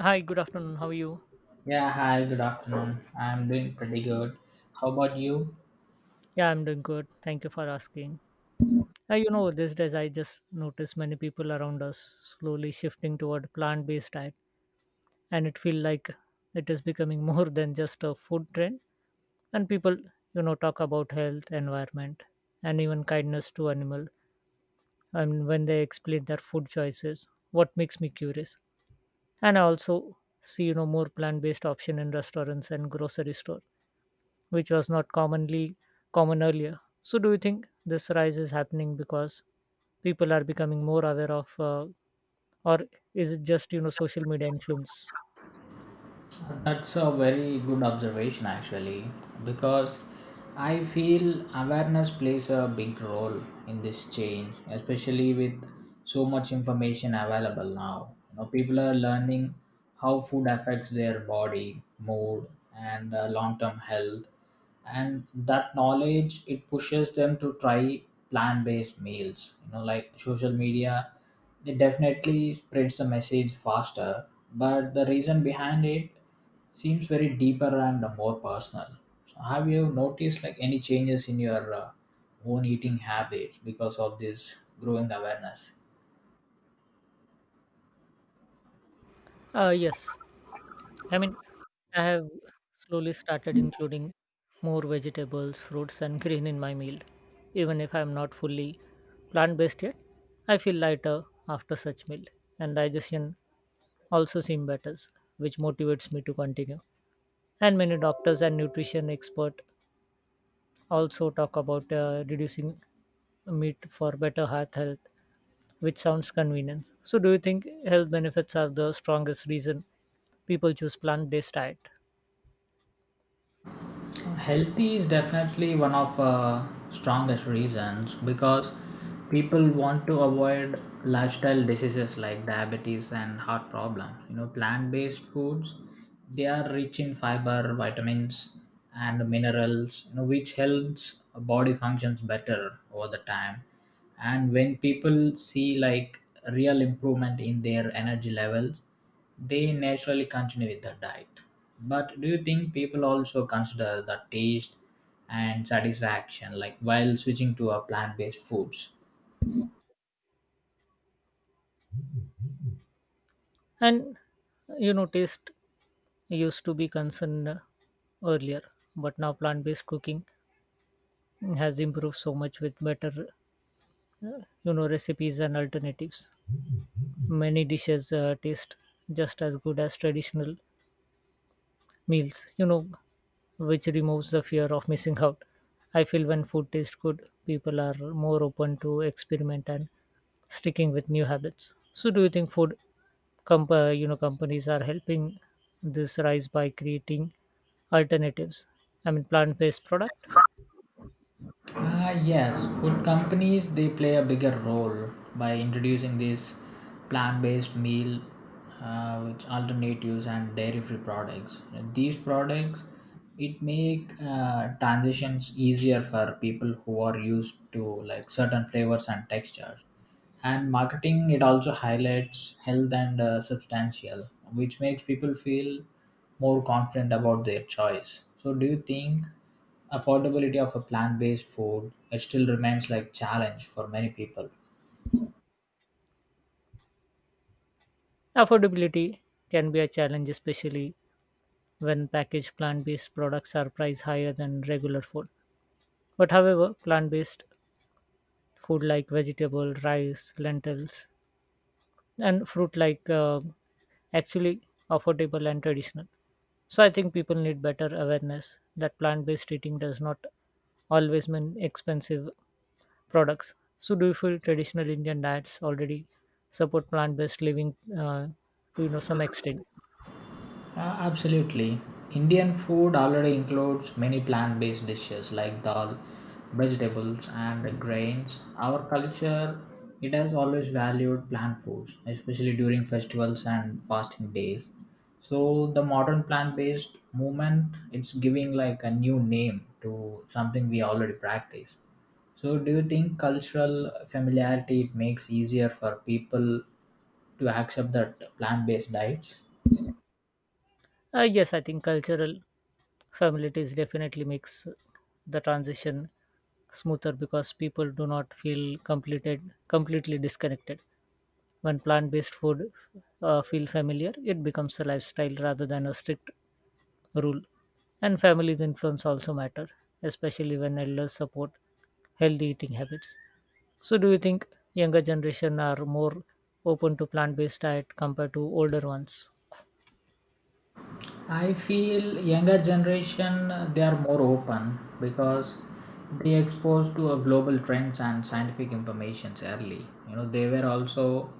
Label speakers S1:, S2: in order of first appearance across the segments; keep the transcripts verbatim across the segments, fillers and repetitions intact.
S1: Hi, good afternoon. How are you?
S2: Yeah, hi, good afternoon. I'm doing pretty good. How about you?
S1: Yeah, I'm doing good. Thank you for asking. Uh, you know, these days I just notice many people around us slowly shifting toward plant-based diet, and it feel like it is becoming more than just a food trend. And people, you know, talk about health, environment, and even kindness to animal. And when they explain their food choices, what makes me curious. And I also see, you know, more plant-based option in restaurants and grocery store which was not commonly common earlier. So, do you think this rise is happening because people are becoming more aware of, uh, or is it just you know social media influence?
S2: That's a very good observation, actually, because I feel awareness plays a big role in this change, especially with so much information available now. You know, people are learning how food affects their body, mood, and uh, long term health, and that knowledge it pushes them to try plant-based meals. You know, like social media, it definitely spreads the message faster, but the reason behind it seems very deeper and more personal. So have you noticed like any changes in your uh, own eating habits because of this growing awareness?
S1: Uh, yes, I mean I have slowly started including more vegetables, fruits, and green in my meal, even if I'm not fully plant based yet. I feel lighter after such meal, and digestion also seems better, which motivates me to continue. And many doctors and nutrition experts also talk about uh, reducing meat for better heart health, which sounds convenient. So, do you think health benefits are the strongest reason people choose plant based diet?
S2: Healthy is definitely one of uh, strongest reasons because people want to avoid lifestyle diseases like diabetes and heart problems. You know, plant-based foods, they are rich in fiber, vitamins, and minerals. You know, which helps body functions better over the time. And when people see like real improvement in their energy levels, they naturally continue with the diet. But do you think people also consider the taste and satisfaction like while switching to a plant-based foods?
S1: And you know, taste used to be concerned uh, earlier, but now plant based cooking has improved so much with better, uh, you know, recipes and alternatives. Many dishes uh, taste just as good as traditional meals. You know, which removes the fear of missing out. I feel when food tastes good, people are more open to experiment and sticking with new habits. So, do you think food, comp- uh, you know, companies are helping this rise by creating alternatives? I mean, plant-based product
S2: Ah, yes, food companies they play a bigger role by introducing these plant-based meal, uh, which alternatives and dairy-free products. These products it make uh, transitions easier for people who are used to like certain flavors and textures. And marketing it also highlights health and uh, substantial, which makes people feel more confident about their choice. So, do you think? Affordability of a plant-based food it still remains like challenge for many people.
S1: affordability can be a challenge, especially when packaged plant-based products are priced higher than regular food. But however, plant-based food like vegetable, rice, lentils, and fruit like uh, actually affordable and traditional. So I think people need better awareness that plant-based eating does not always mean expensive products. So do you feel traditional Indian diets already support plant-based living uh, to you know some extent?
S2: Uh, absolutely. Indian food already includes many plant based dishes like dal, vegetables, and grains. Our culture it has always valued plant foods, especially during festivals and fasting days. So the modern plant based movement it's giving like a new name to something we already practice. So do you think cultural familiarity it makes easier for people to accept that plant based diets?
S1: Uh, yes, I think cultural familiarities definitely makes the transition smoother because people do not feel completed completely disconnected when plant-based food uh, feel familiar it becomes a lifestyle rather than a strict rule. And family's influence also matter, especially when elders support healthy eating habits. So do you think younger generation are more open to plant-based diet compared to older ones?
S2: I feel younger generation uh, they are more open because they exposed to a global trends and scientific informations early. You know, they were also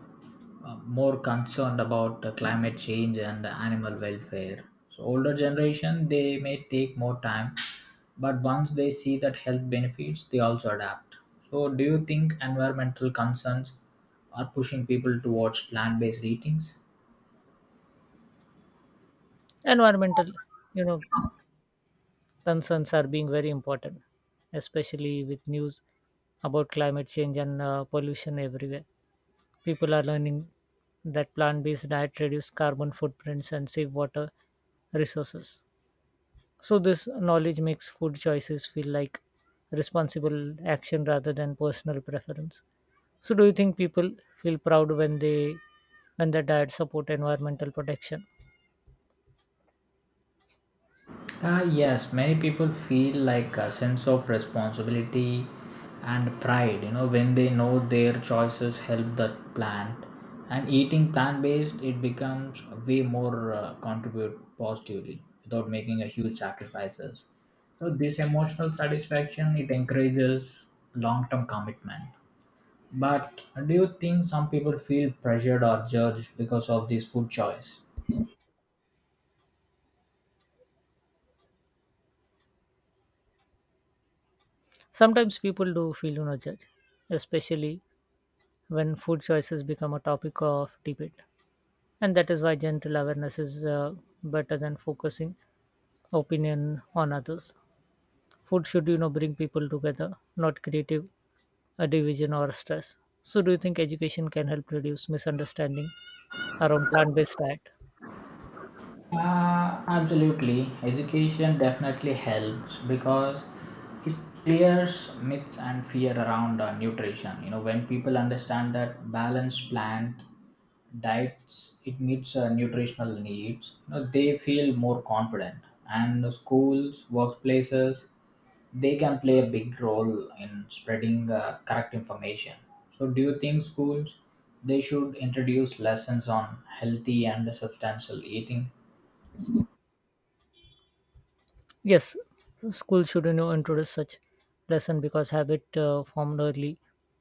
S2: uh, more concerned about uh, climate change and animal welfare. So older generation they may take more time, but once they see that health benefits, they also adapt. So do you think environmental concerns are pushing people towards plant-based eatings?
S1: Environmental, you know, concerns are being very important, especially with news about climate change and uh, pollution everywhere. People are learning that plant-based diet reduce carbon footprints and save water resources. So this knowledge makes food choices feel like responsible action rather than personal preference. So do you think people feel proud when they when their diet support environmental protection?
S2: Ah, yes, many people feel like a sense of responsibility and pride, you know, when they know their choices help the plant. And eating plant based, it becomes way more uh, contribute positively without making a huge sacrifices. So, this emotional satisfaction it encourages long term commitment. But do you think some people feel pressured or judged because of this food choice?
S1: Sometimes people do feel you know judged, especially when food choices become a topic of debate. And that is why gentle awareness is uh, better than focusing opinion on others. Food should you know bring people together, not creative a division or stress. So, do you think education can help reduce misunderstanding around plant based diet?
S2: Uh, absolutely. Education definitely helps because it clears myths and fear around uh, nutrition. You know, when people understand that balanced plant diets it meets uh, nutritional needs, you know, they feel more confident. And the schools, workplaces, they can play a big role in spreading uh, correct information. So, do you think schools they should introduce lessons on healthy and substantial eating?
S1: Yes, school should you know, introduce such lesson because habit uh, formed early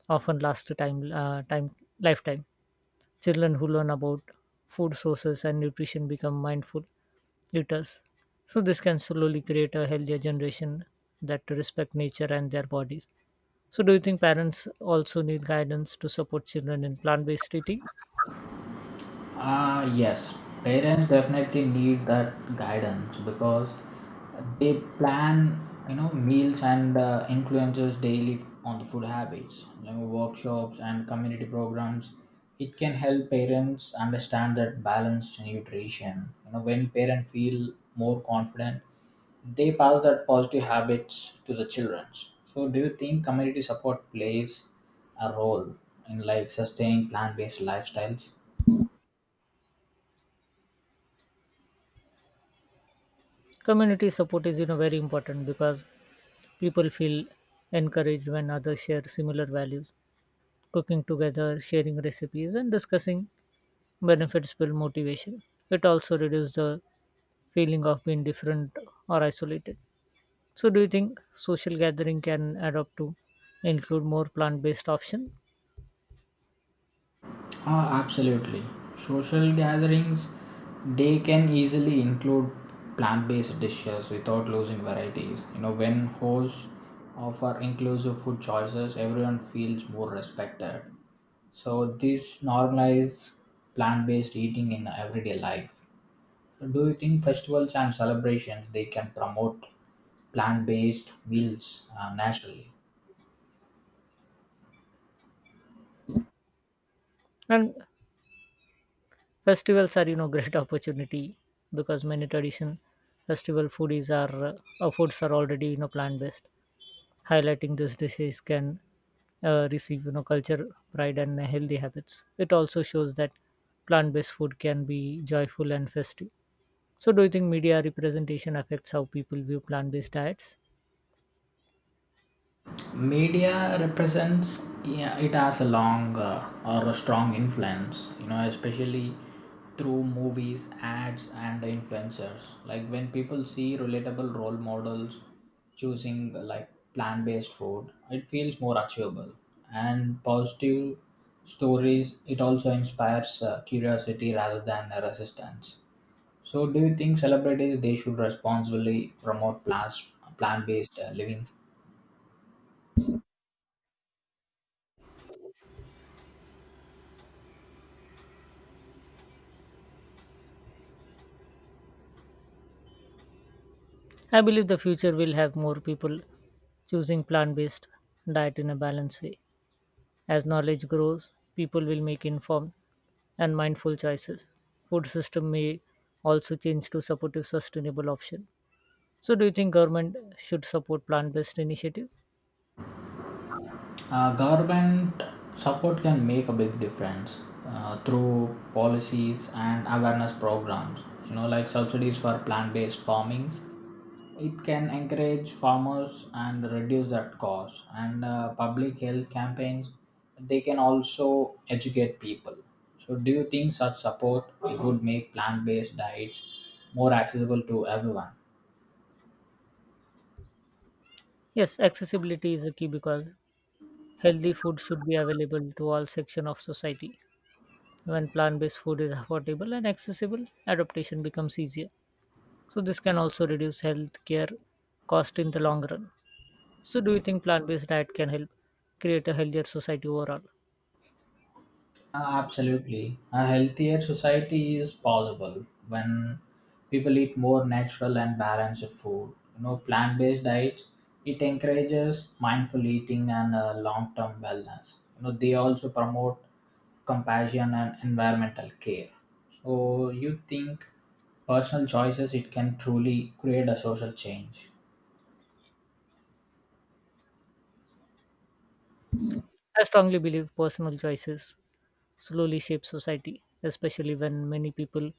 S1: often last to time, uh, time lifetime. Children who learn about food sources and nutrition become mindful eaters. So, this can slowly create a healthier generation that respect nature and their bodies. So, do you think parents also need guidance to support children in plant based eating?
S2: Ah, yes, parents definitely need that guidance because they plan, you know, meals and uh, influences daily on the food habits. You know, workshops and community programs, it can help parents understand that balanced nutrition. You know, when parents feel more confident, they pass that positive habits to the children. So, do you think community support plays a role in like sustaining plant-based lifestyles?
S1: Community support is you know very important because people feel encouraged when others share similar values. Cooking together, sharing recipes, and discussing benefits build motivation. It also reduces the feeling of being different or isolated. So, do you think social gathering can adopt to include more plant-based option?
S2: Ah, absolutely. Social gatherings they can easily include plant-based dishes without losing varieties. You know, when hosts offer inclusive food choices, everyone feels more respected. So this normalizes plant-based eating in everyday life. Do you think festivals and celebrations they can promote plant-based meals uh, naturally?
S1: And festivals are, you know, great opportunity because many tradition festival foodies are uh, uh, foods are already you know plant-based. Highlighting this disease can uh, receive you know culture pride and healthy habits it also shows that plant-based food can be joyful and festive. So do you think media representation affects how people view plant-based diets?
S2: Media represents, yeah, it has a long uh, or a strong influence, you know, especially through movies, ads, and influencers. Like when people see relatable role models choosing uh, like plant-based food, it feels more achievable, and positive stories it also inspires uh, curiosity rather than uh, resistance. So do you think celebrities they should responsibly promote plants plant-based uh, living?
S1: I believe the future will have more people choosing plant-based diet in a balanced way. As knowledge grows people will make informed and mindful choices. Food system may also change to supportive sustainable option. So, do you think government should support plant-based initiative?
S2: Uh, government support can make a big difference uh, through policies and awareness programs. You know, like subsidies for plant-based farmings, it can encourage farmers and reduce that cost. And uh, public health campaigns, they can also educate people. So, do you think such support it would make plant-based diets more accessible to everyone?
S1: Yes, accessibility is a key because healthy food should be available to all section of society. When plant-based food is affordable and accessible, adaptation becomes easier. So, this can also reduce healthcare cost in the long run. So, do you think plant-based diet can help create a healthier society overall?
S2: Uh, Absolutely. A healthier society is possible when people eat more natural and balanced food. You know, plant based diets, it encourages mindful eating and uh, long term wellness. You know, they also promote compassion and environmental care. So, you think personal choices, it can truly create a social change.
S1: I strongly believe personal choices slowly shape society, especially when many people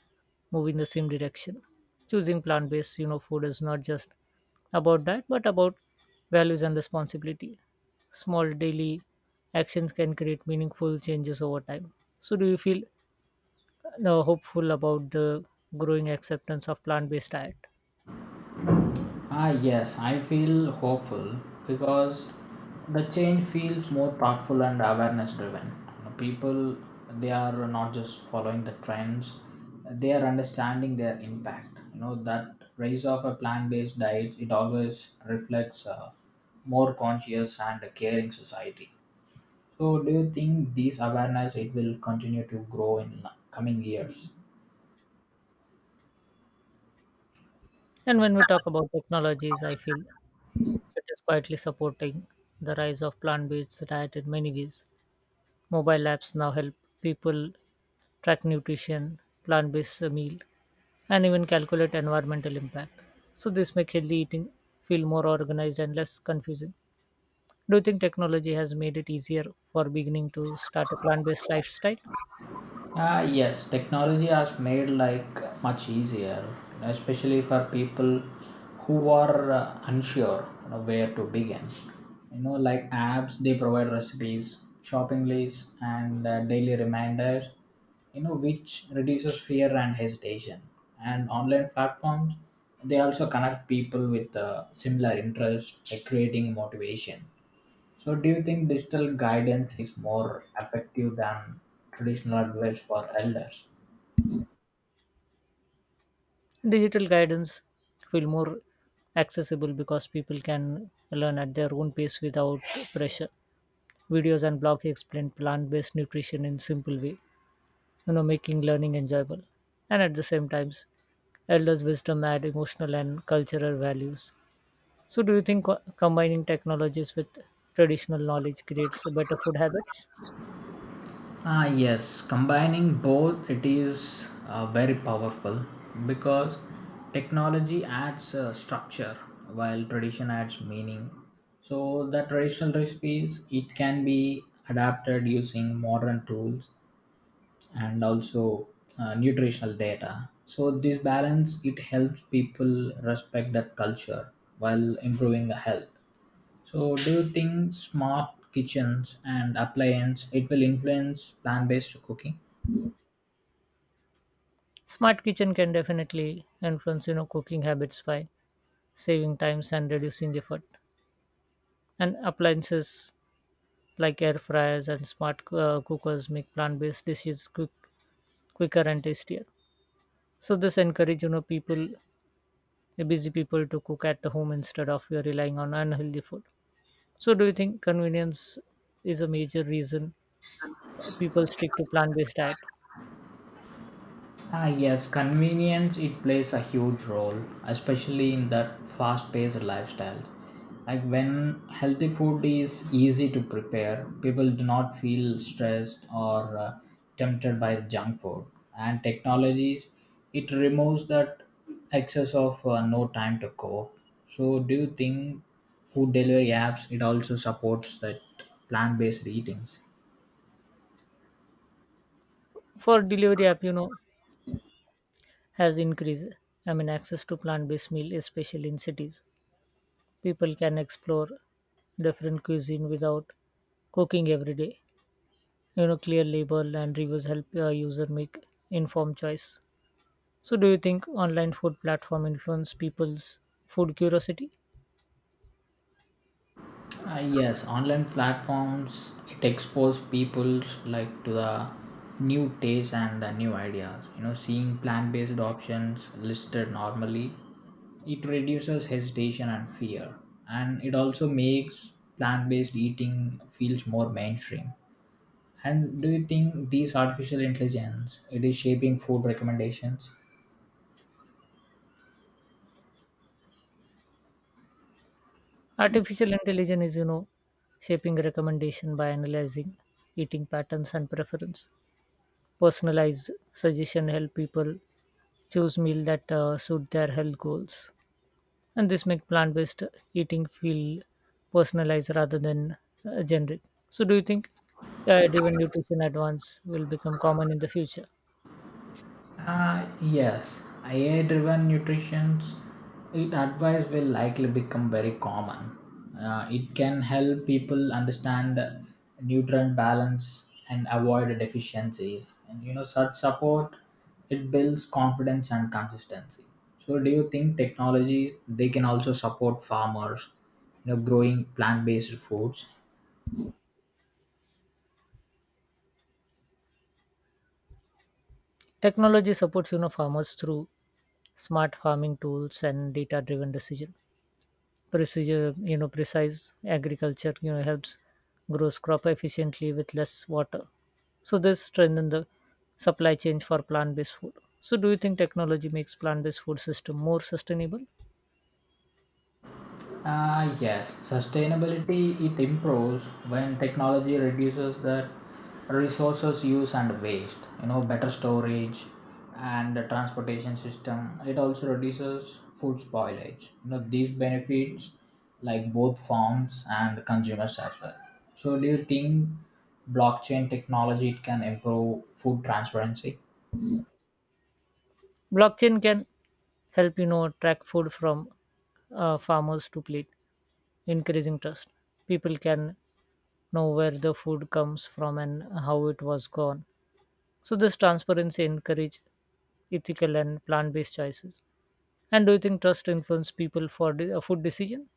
S1: move in the same direction. Choosing plant-based, you know, food is not just about diet, but about values and responsibility. Small daily actions can create meaningful changes over time. So, do you feel uh, hopeful about the growing acceptance of plant-based diet?
S2: Ah, yes, I feel hopeful because the change feels more thoughtful and awareness driven. People, they are not just following the trends, they are understanding their impact. You know, that rise of a plant based diet, it always reflects a more conscious and a caring society. So, do you think this awareness it will continue to grow in coming years?
S1: And when we talk about technologies, I feel it is quietly supporting the rise of plant-based diet in many ways. Mobile apps now help people track nutrition, plant-based meal, and even calculate environmental impact. So this makes healthy eating feel more organized and less confusing. Do you think technology has made it easier for beginning to start a plant-based lifestyle?
S2: Ah, yes, technology has made like much easier, especially for people who are uh, unsure, you know, where to begin. You know, like apps, they provide recipes, shopping lists, and uh, daily reminders. You know, which reduces fear and hesitation. And online platforms, they also connect people with uh, similar interests, like creating motivation. So, do you think digital guidance is more effective than traditional advice for elders?
S1: Digital guidance feel more accessible because people can learn at their own pace without pressure. Videos and blogs explain plant-based nutrition in simple way, you know, making learning enjoyable. And at the same times, elders' wisdom add emotional and cultural values. So, do you think co- combining technologies with traditional knowledge creates better food habits?
S2: Ah, yes, combining both, it is uh, very powerful because technology adds uh, structure while tradition adds meaning. So, the traditional recipes it can be adapted using modern tools and also uh, nutritional data. So this balance it helps people respect that culture while improving the health. So do you think smart kitchens and appliance it will influence plant-based cooking?
S1: Smart kitchen can definitely influence, you know, cooking habits by saving times and reducing effort. And appliances like air fryers and smart uh, cookers make plant-based dishes quick, quicker and tastier. So, this encourage, you know, people, busy people, to cook at the home instead of are relying on unhealthy food. So, do you think convenience is a major reason people stick to plant-based diet?
S2: Ah, yes, convenience it plays a huge role, especially in that fast-paced lifestyle. Like when healthy food is easy to prepare, people do not feel stressed or uh, tempted by junk food. And technologies, it removes that excess of uh, no time to cook. So, do you think food delivery apps it also supports that plant-based eatings?
S1: For delivery app you know has increased, I mean access to plant-based meal, especially in cities. People can explore different cuisine without cooking every day. You know, clear label and reviews help a user make informed choice. So do you think online food platform influence people's food curiosity?
S2: Uh, yes, online platforms it expose people's like to the new tastes and the new ideas. You know, seeing plant-based options listed normally, it reduces hesitation and fear, and it also makes plant-based eating feels more mainstream. And do you think these artificial intelligence it is shaping food recommendations?
S1: Artificial intelligence is you know shaping recommendation by analyzing eating patterns and preference. Personalized suggestion help people choose meal that uh, suit their health goals, and this make plant-based eating feel personalized rather than uh, generic. So do you think AI driven nutrition advance will become common in the future?
S2: Uh, yes, A I driven nutrition it advice will likely become very common. Uh, it can help people understand nutrient balance and avoid deficiencies. And you know, such support it builds confidence and consistency. So, do you think technology they can also support farmers, you know, growing plant based foods?
S1: Technology supports you know farmers through smart farming tools and data driven decision. Precision you know Precise agriculture you know helps grows crop efficiently with less water. So this strengthen the supply chain for plant-based food. So do you think technology makes plant-based food system more sustainable?
S2: Ah, yes, sustainability it improves when technology reduces the resources use and waste. You know, better storage and the transportation system, it also reduces food spoilage. You know, these benefits like both farms and consumers as well. So, do you think blockchain technology it can improve food transparency?
S1: Blockchain can help you know track food from uh, farmers to plate, increasing trust. People can know where the food comes from and how it was grown. So this transparency encourage ethical and plant-based choices. And do you think trust influence people for the, uh, food decision?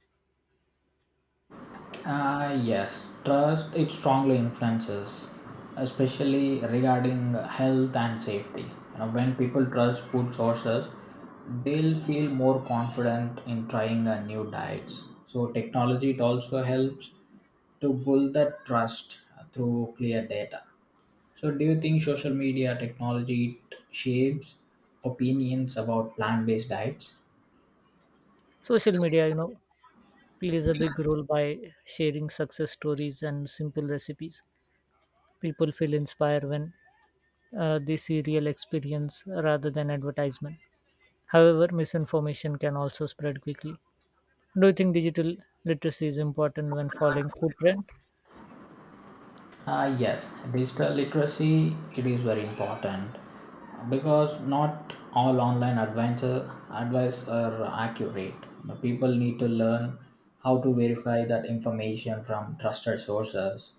S2: Uh, yes, trust it strongly influences, especially regarding health and safety. You know, when people trust food sources, they'll feel more confident in trying a new diets. So technology it also helps to build that trust through clear data. So do you think social media technology it shapes opinions about plant-based diets?
S1: Social media, you know, plays a big role by sharing success stories and simple recipes. People feel inspired when uh, they see real experience rather than advertisement. However, misinformation can also spread quickly. Do you think digital literacy is important when following food trend?
S2: Uh, yes, digital literacy it is very important because not all online adventure advice are accurate. People need to learn how to verify that information from trusted sources,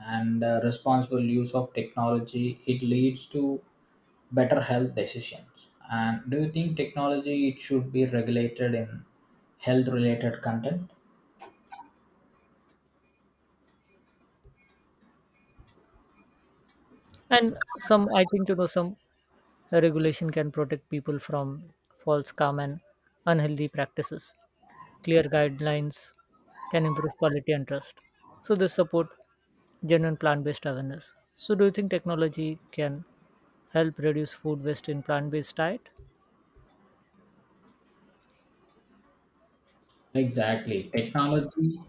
S2: and uh, responsible use of technology it leads to better health decisions. And do you think technology it should be regulated in health related content?
S1: And some, I think you know, some regulation can protect people from false, calm, and unhealthy practices. Clear guidelines can improve quality and trust. So this support genuine plant-based awareness. So do you think technology can help reduce food waste in plant-based diet?
S2: Exactly, technology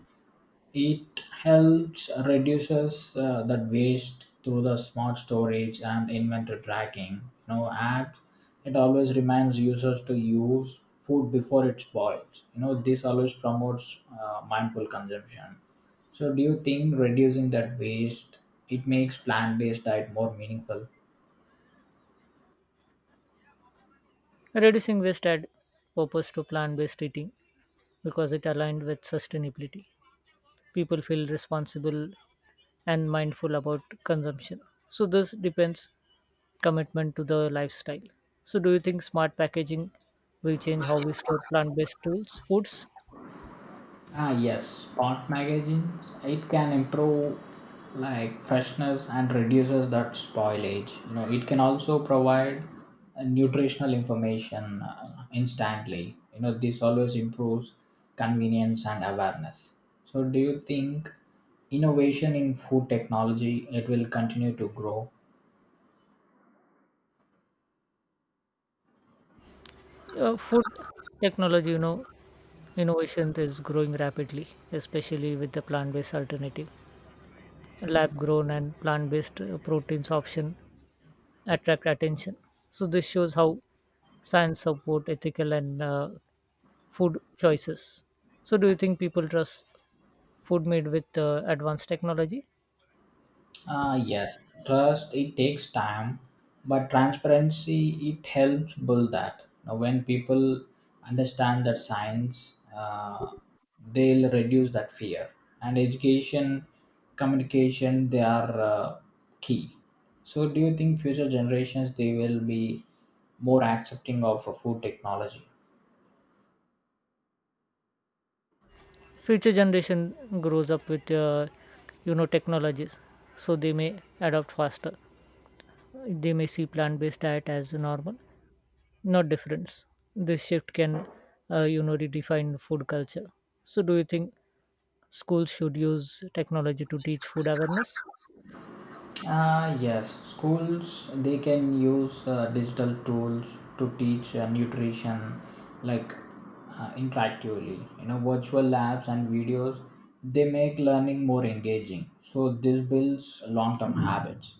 S2: it helps reduces uh, that waste through the smart storage and inventory tracking. You know, apps it always reminds users to use food before it spoils. You know, this always promotes uh, mindful consumption. So do you think reducing that waste it makes plant-based diet more meaningful?
S1: Reducing waste add purpose to plant-based eating because it aligned with sustainability. People feel responsible and mindful about consumption. So this depends commitment to the lifestyle. So do you think smart packaging will change how we store plant-based tools, foods?
S2: Ah, yes, spot magazines. It can improve like freshness and reduces that spoilage. You know, it can also provide uh, nutritional information uh, instantly. You know, this always improves convenience and awareness. So, do you think innovation in food technology it will continue to grow?
S1: Uh, food technology, you know, innovation is growing rapidly, especially with the plant-based alternative. Lab-grown and plant-based uh, proteins option attract attention. So this shows how science support ethical and uh, food choices. So, do you think people trust food made with uh, advanced technology?
S2: Ah, yes, trust it takes time, but transparency it helps build that. Now, when people understand that science, uh, they'll reduce that fear. And education, communication, they are uh, key. So, do you think future generations they will be more accepting of uh, food technology?
S1: Future generation grows up with uh, you know technologies, so they may adapt faster. They may see plant-based diet as normal, not difference. This shift can uh, you know redefine food culture. So, do you think schools should use technology to teach food awareness?
S2: Uh, yes, schools they can use uh, digital tools to teach uh, nutrition like uh, interactively. You know, virtual labs and videos they make learning more engaging. So this builds long-term habits.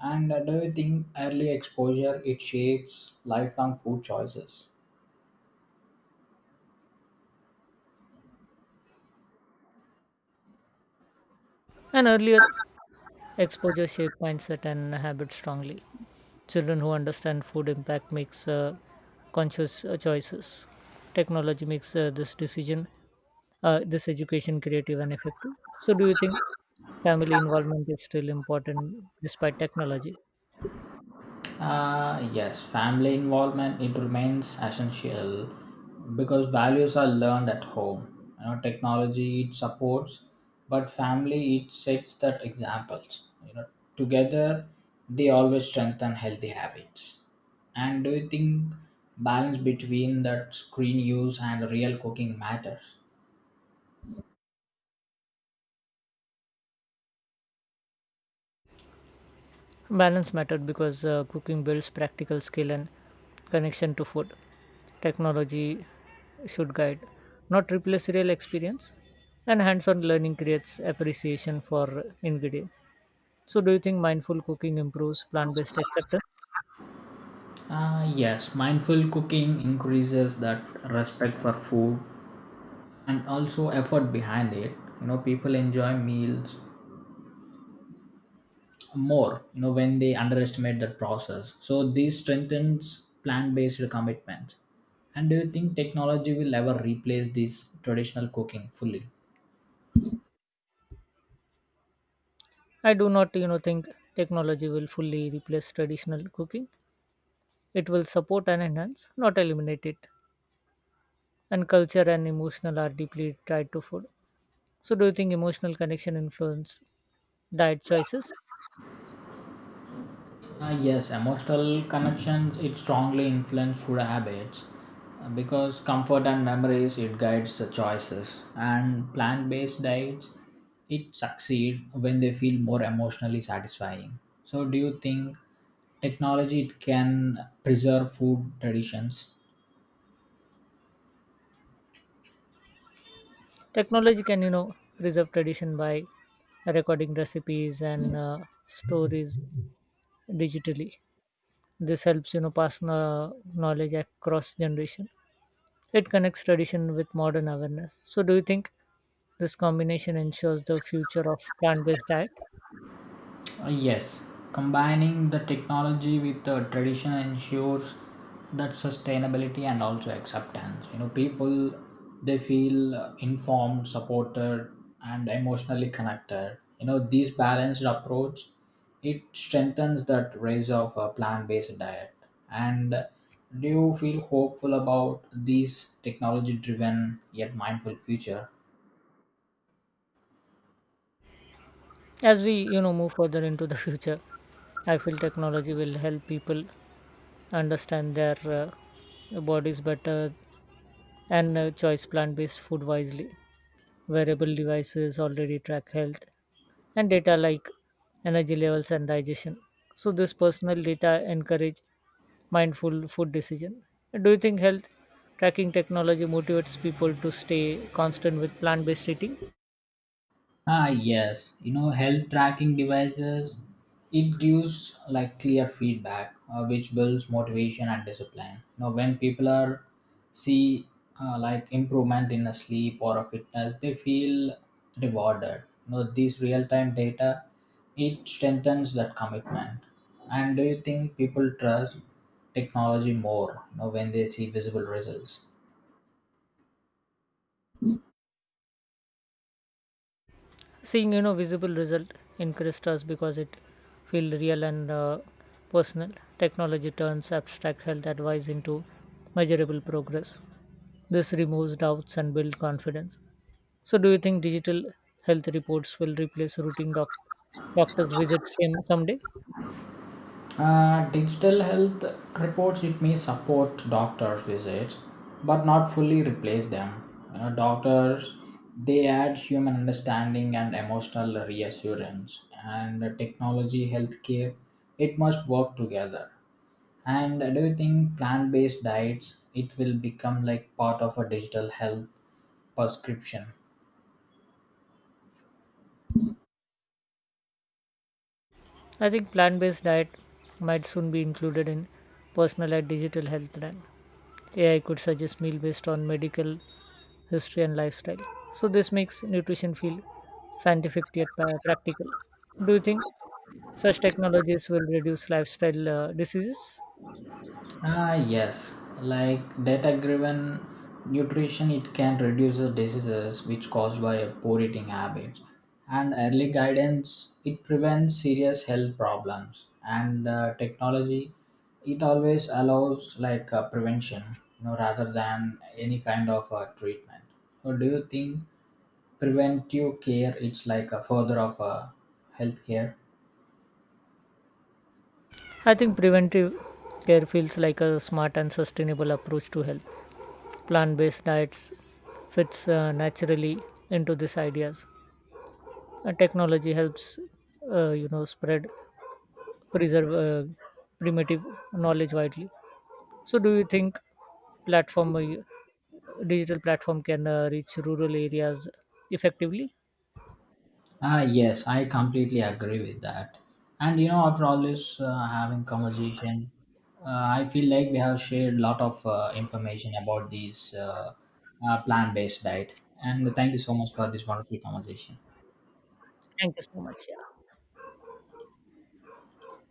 S2: And uh, do you think early exposure it shapes lifelong food choices?
S1: And earlier, exposure shaped mindset and habits strongly. Children who understand food impact makes uh, conscious uh, choices. Technology makes uh, this decision, uh, this education creative and effective. So, do you think family involvement is still important despite technology?
S2: Uh, yes, family involvement it remains essential because values are learned at home. You know, technology it supports, but family it sets that examples. You know, together they always strengthen healthy habits. And do you think balance between that screen use and real cooking matters?
S1: Balance mattered because uh, cooking builds practical skill and connection to food. Technology should guide, not replace real experience. And hands on learning creates appreciation for ingredients. So, do you think mindful cooking improves plant based acceptance?
S2: Uh, yes, mindful cooking increases that respect for food and also effort behind it. You know, people enjoy meals more, you know, when they underestimate that process. So this strengthens plant-based commitment. And do you think technology will ever replace this traditional cooking fully?
S1: I do not, you know, think technology will fully replace traditional cooking. It will support and enhance, not eliminate it. And culture and emotional are deeply tied to food. So, do you think emotional connection influence diet choices?
S2: Uh, yes, emotional connections it strongly influence food habits uh, because comfort and memories it guides the choices, and plant-based diets it succeed when they feel more emotionally satisfying. So, do you think technology it can preserve food traditions?
S1: Technology can, you know, preserve tradition by recording recipes and uh, stories digitally. This helps, you know, pass kno- knowledge across generation. It connects tradition with modern awareness. So, do you think this combination ensures the future of plant-based diet?
S2: Uh, yes, combining the technology with the tradition ensures that sustainability and also acceptance. You know, people they feel uh, informed, supported, and emotionally connected. You know, this balanced approach it strengthens that raise of a plant-based diet. And do you feel hopeful about these technology-driven yet mindful future?
S1: As we, you know, move further into the future, I feel technology will help people understand their uh, bodies better and uh, choice plant-based food wisely. Wearable devices already track health and data like energy levels and digestion. So this personal data encourage mindful food decision. Do you think health tracking technology motivates people to stay constant with plant-based eating?
S2: Ah, yes. You know, health tracking devices, it gives like clear feedback, uh, which builds motivation and discipline. You know, when people are see uh, like improvement in a sleep or a fitness, they feel rewarded. You know, this real time data, it strengthens that commitment. And do you think people trust technology more? You know, when they see visible results.
S1: Seeing you know visible result interests us because it feel real and uh, personal. Technology turns abstract health advice into measurable progress. This removes doubts and builds confidence. So do you think digital health reports will replace routine doc- doctors visits in someday?
S2: Uh, digital health reports it may support doctor's visits, but not fully replace them. You know, doctors they add human understanding and emotional reassurance, and technology healthcare it must work together. And do you think plant-based diets it will become like part of a digital health prescription?
S1: I think plant based diet might soon be included in personal and digital health plan. A I could suggest meal based on medical history and lifestyle. So this makes nutrition feel scientific yet pa- practical. Do you think such technologies will reduce lifestyle uh, diseases?
S2: Ah, yes, like data driven nutrition, it can reduce the diseases which caused by a poor eating habits. And early guidance, it prevents serious health problems. And uh, technology, it always allows like uh, prevention, you know, rather than any kind of uh, treatment. So, do you think preventive care it's like a further of a healthcare?
S1: I think preventive care feels like a smart and sustainable approach to health. Plant-based diets fits uh, naturally into these ideas. And technology helps, uh, you know, spread preserve uh, primitive knowledge widely. So, do you think platform, uh, digital platform, can uh, reach rural areas effectively?
S2: Ah, yes, I completely agree with that. And you know, after all this uh, having conversation, uh, I feel like we have shared a lot of uh, information about these uh, uh, plant-based diet. And thank you so much for this wonderful conversation.
S1: Thank you so much. Yeah.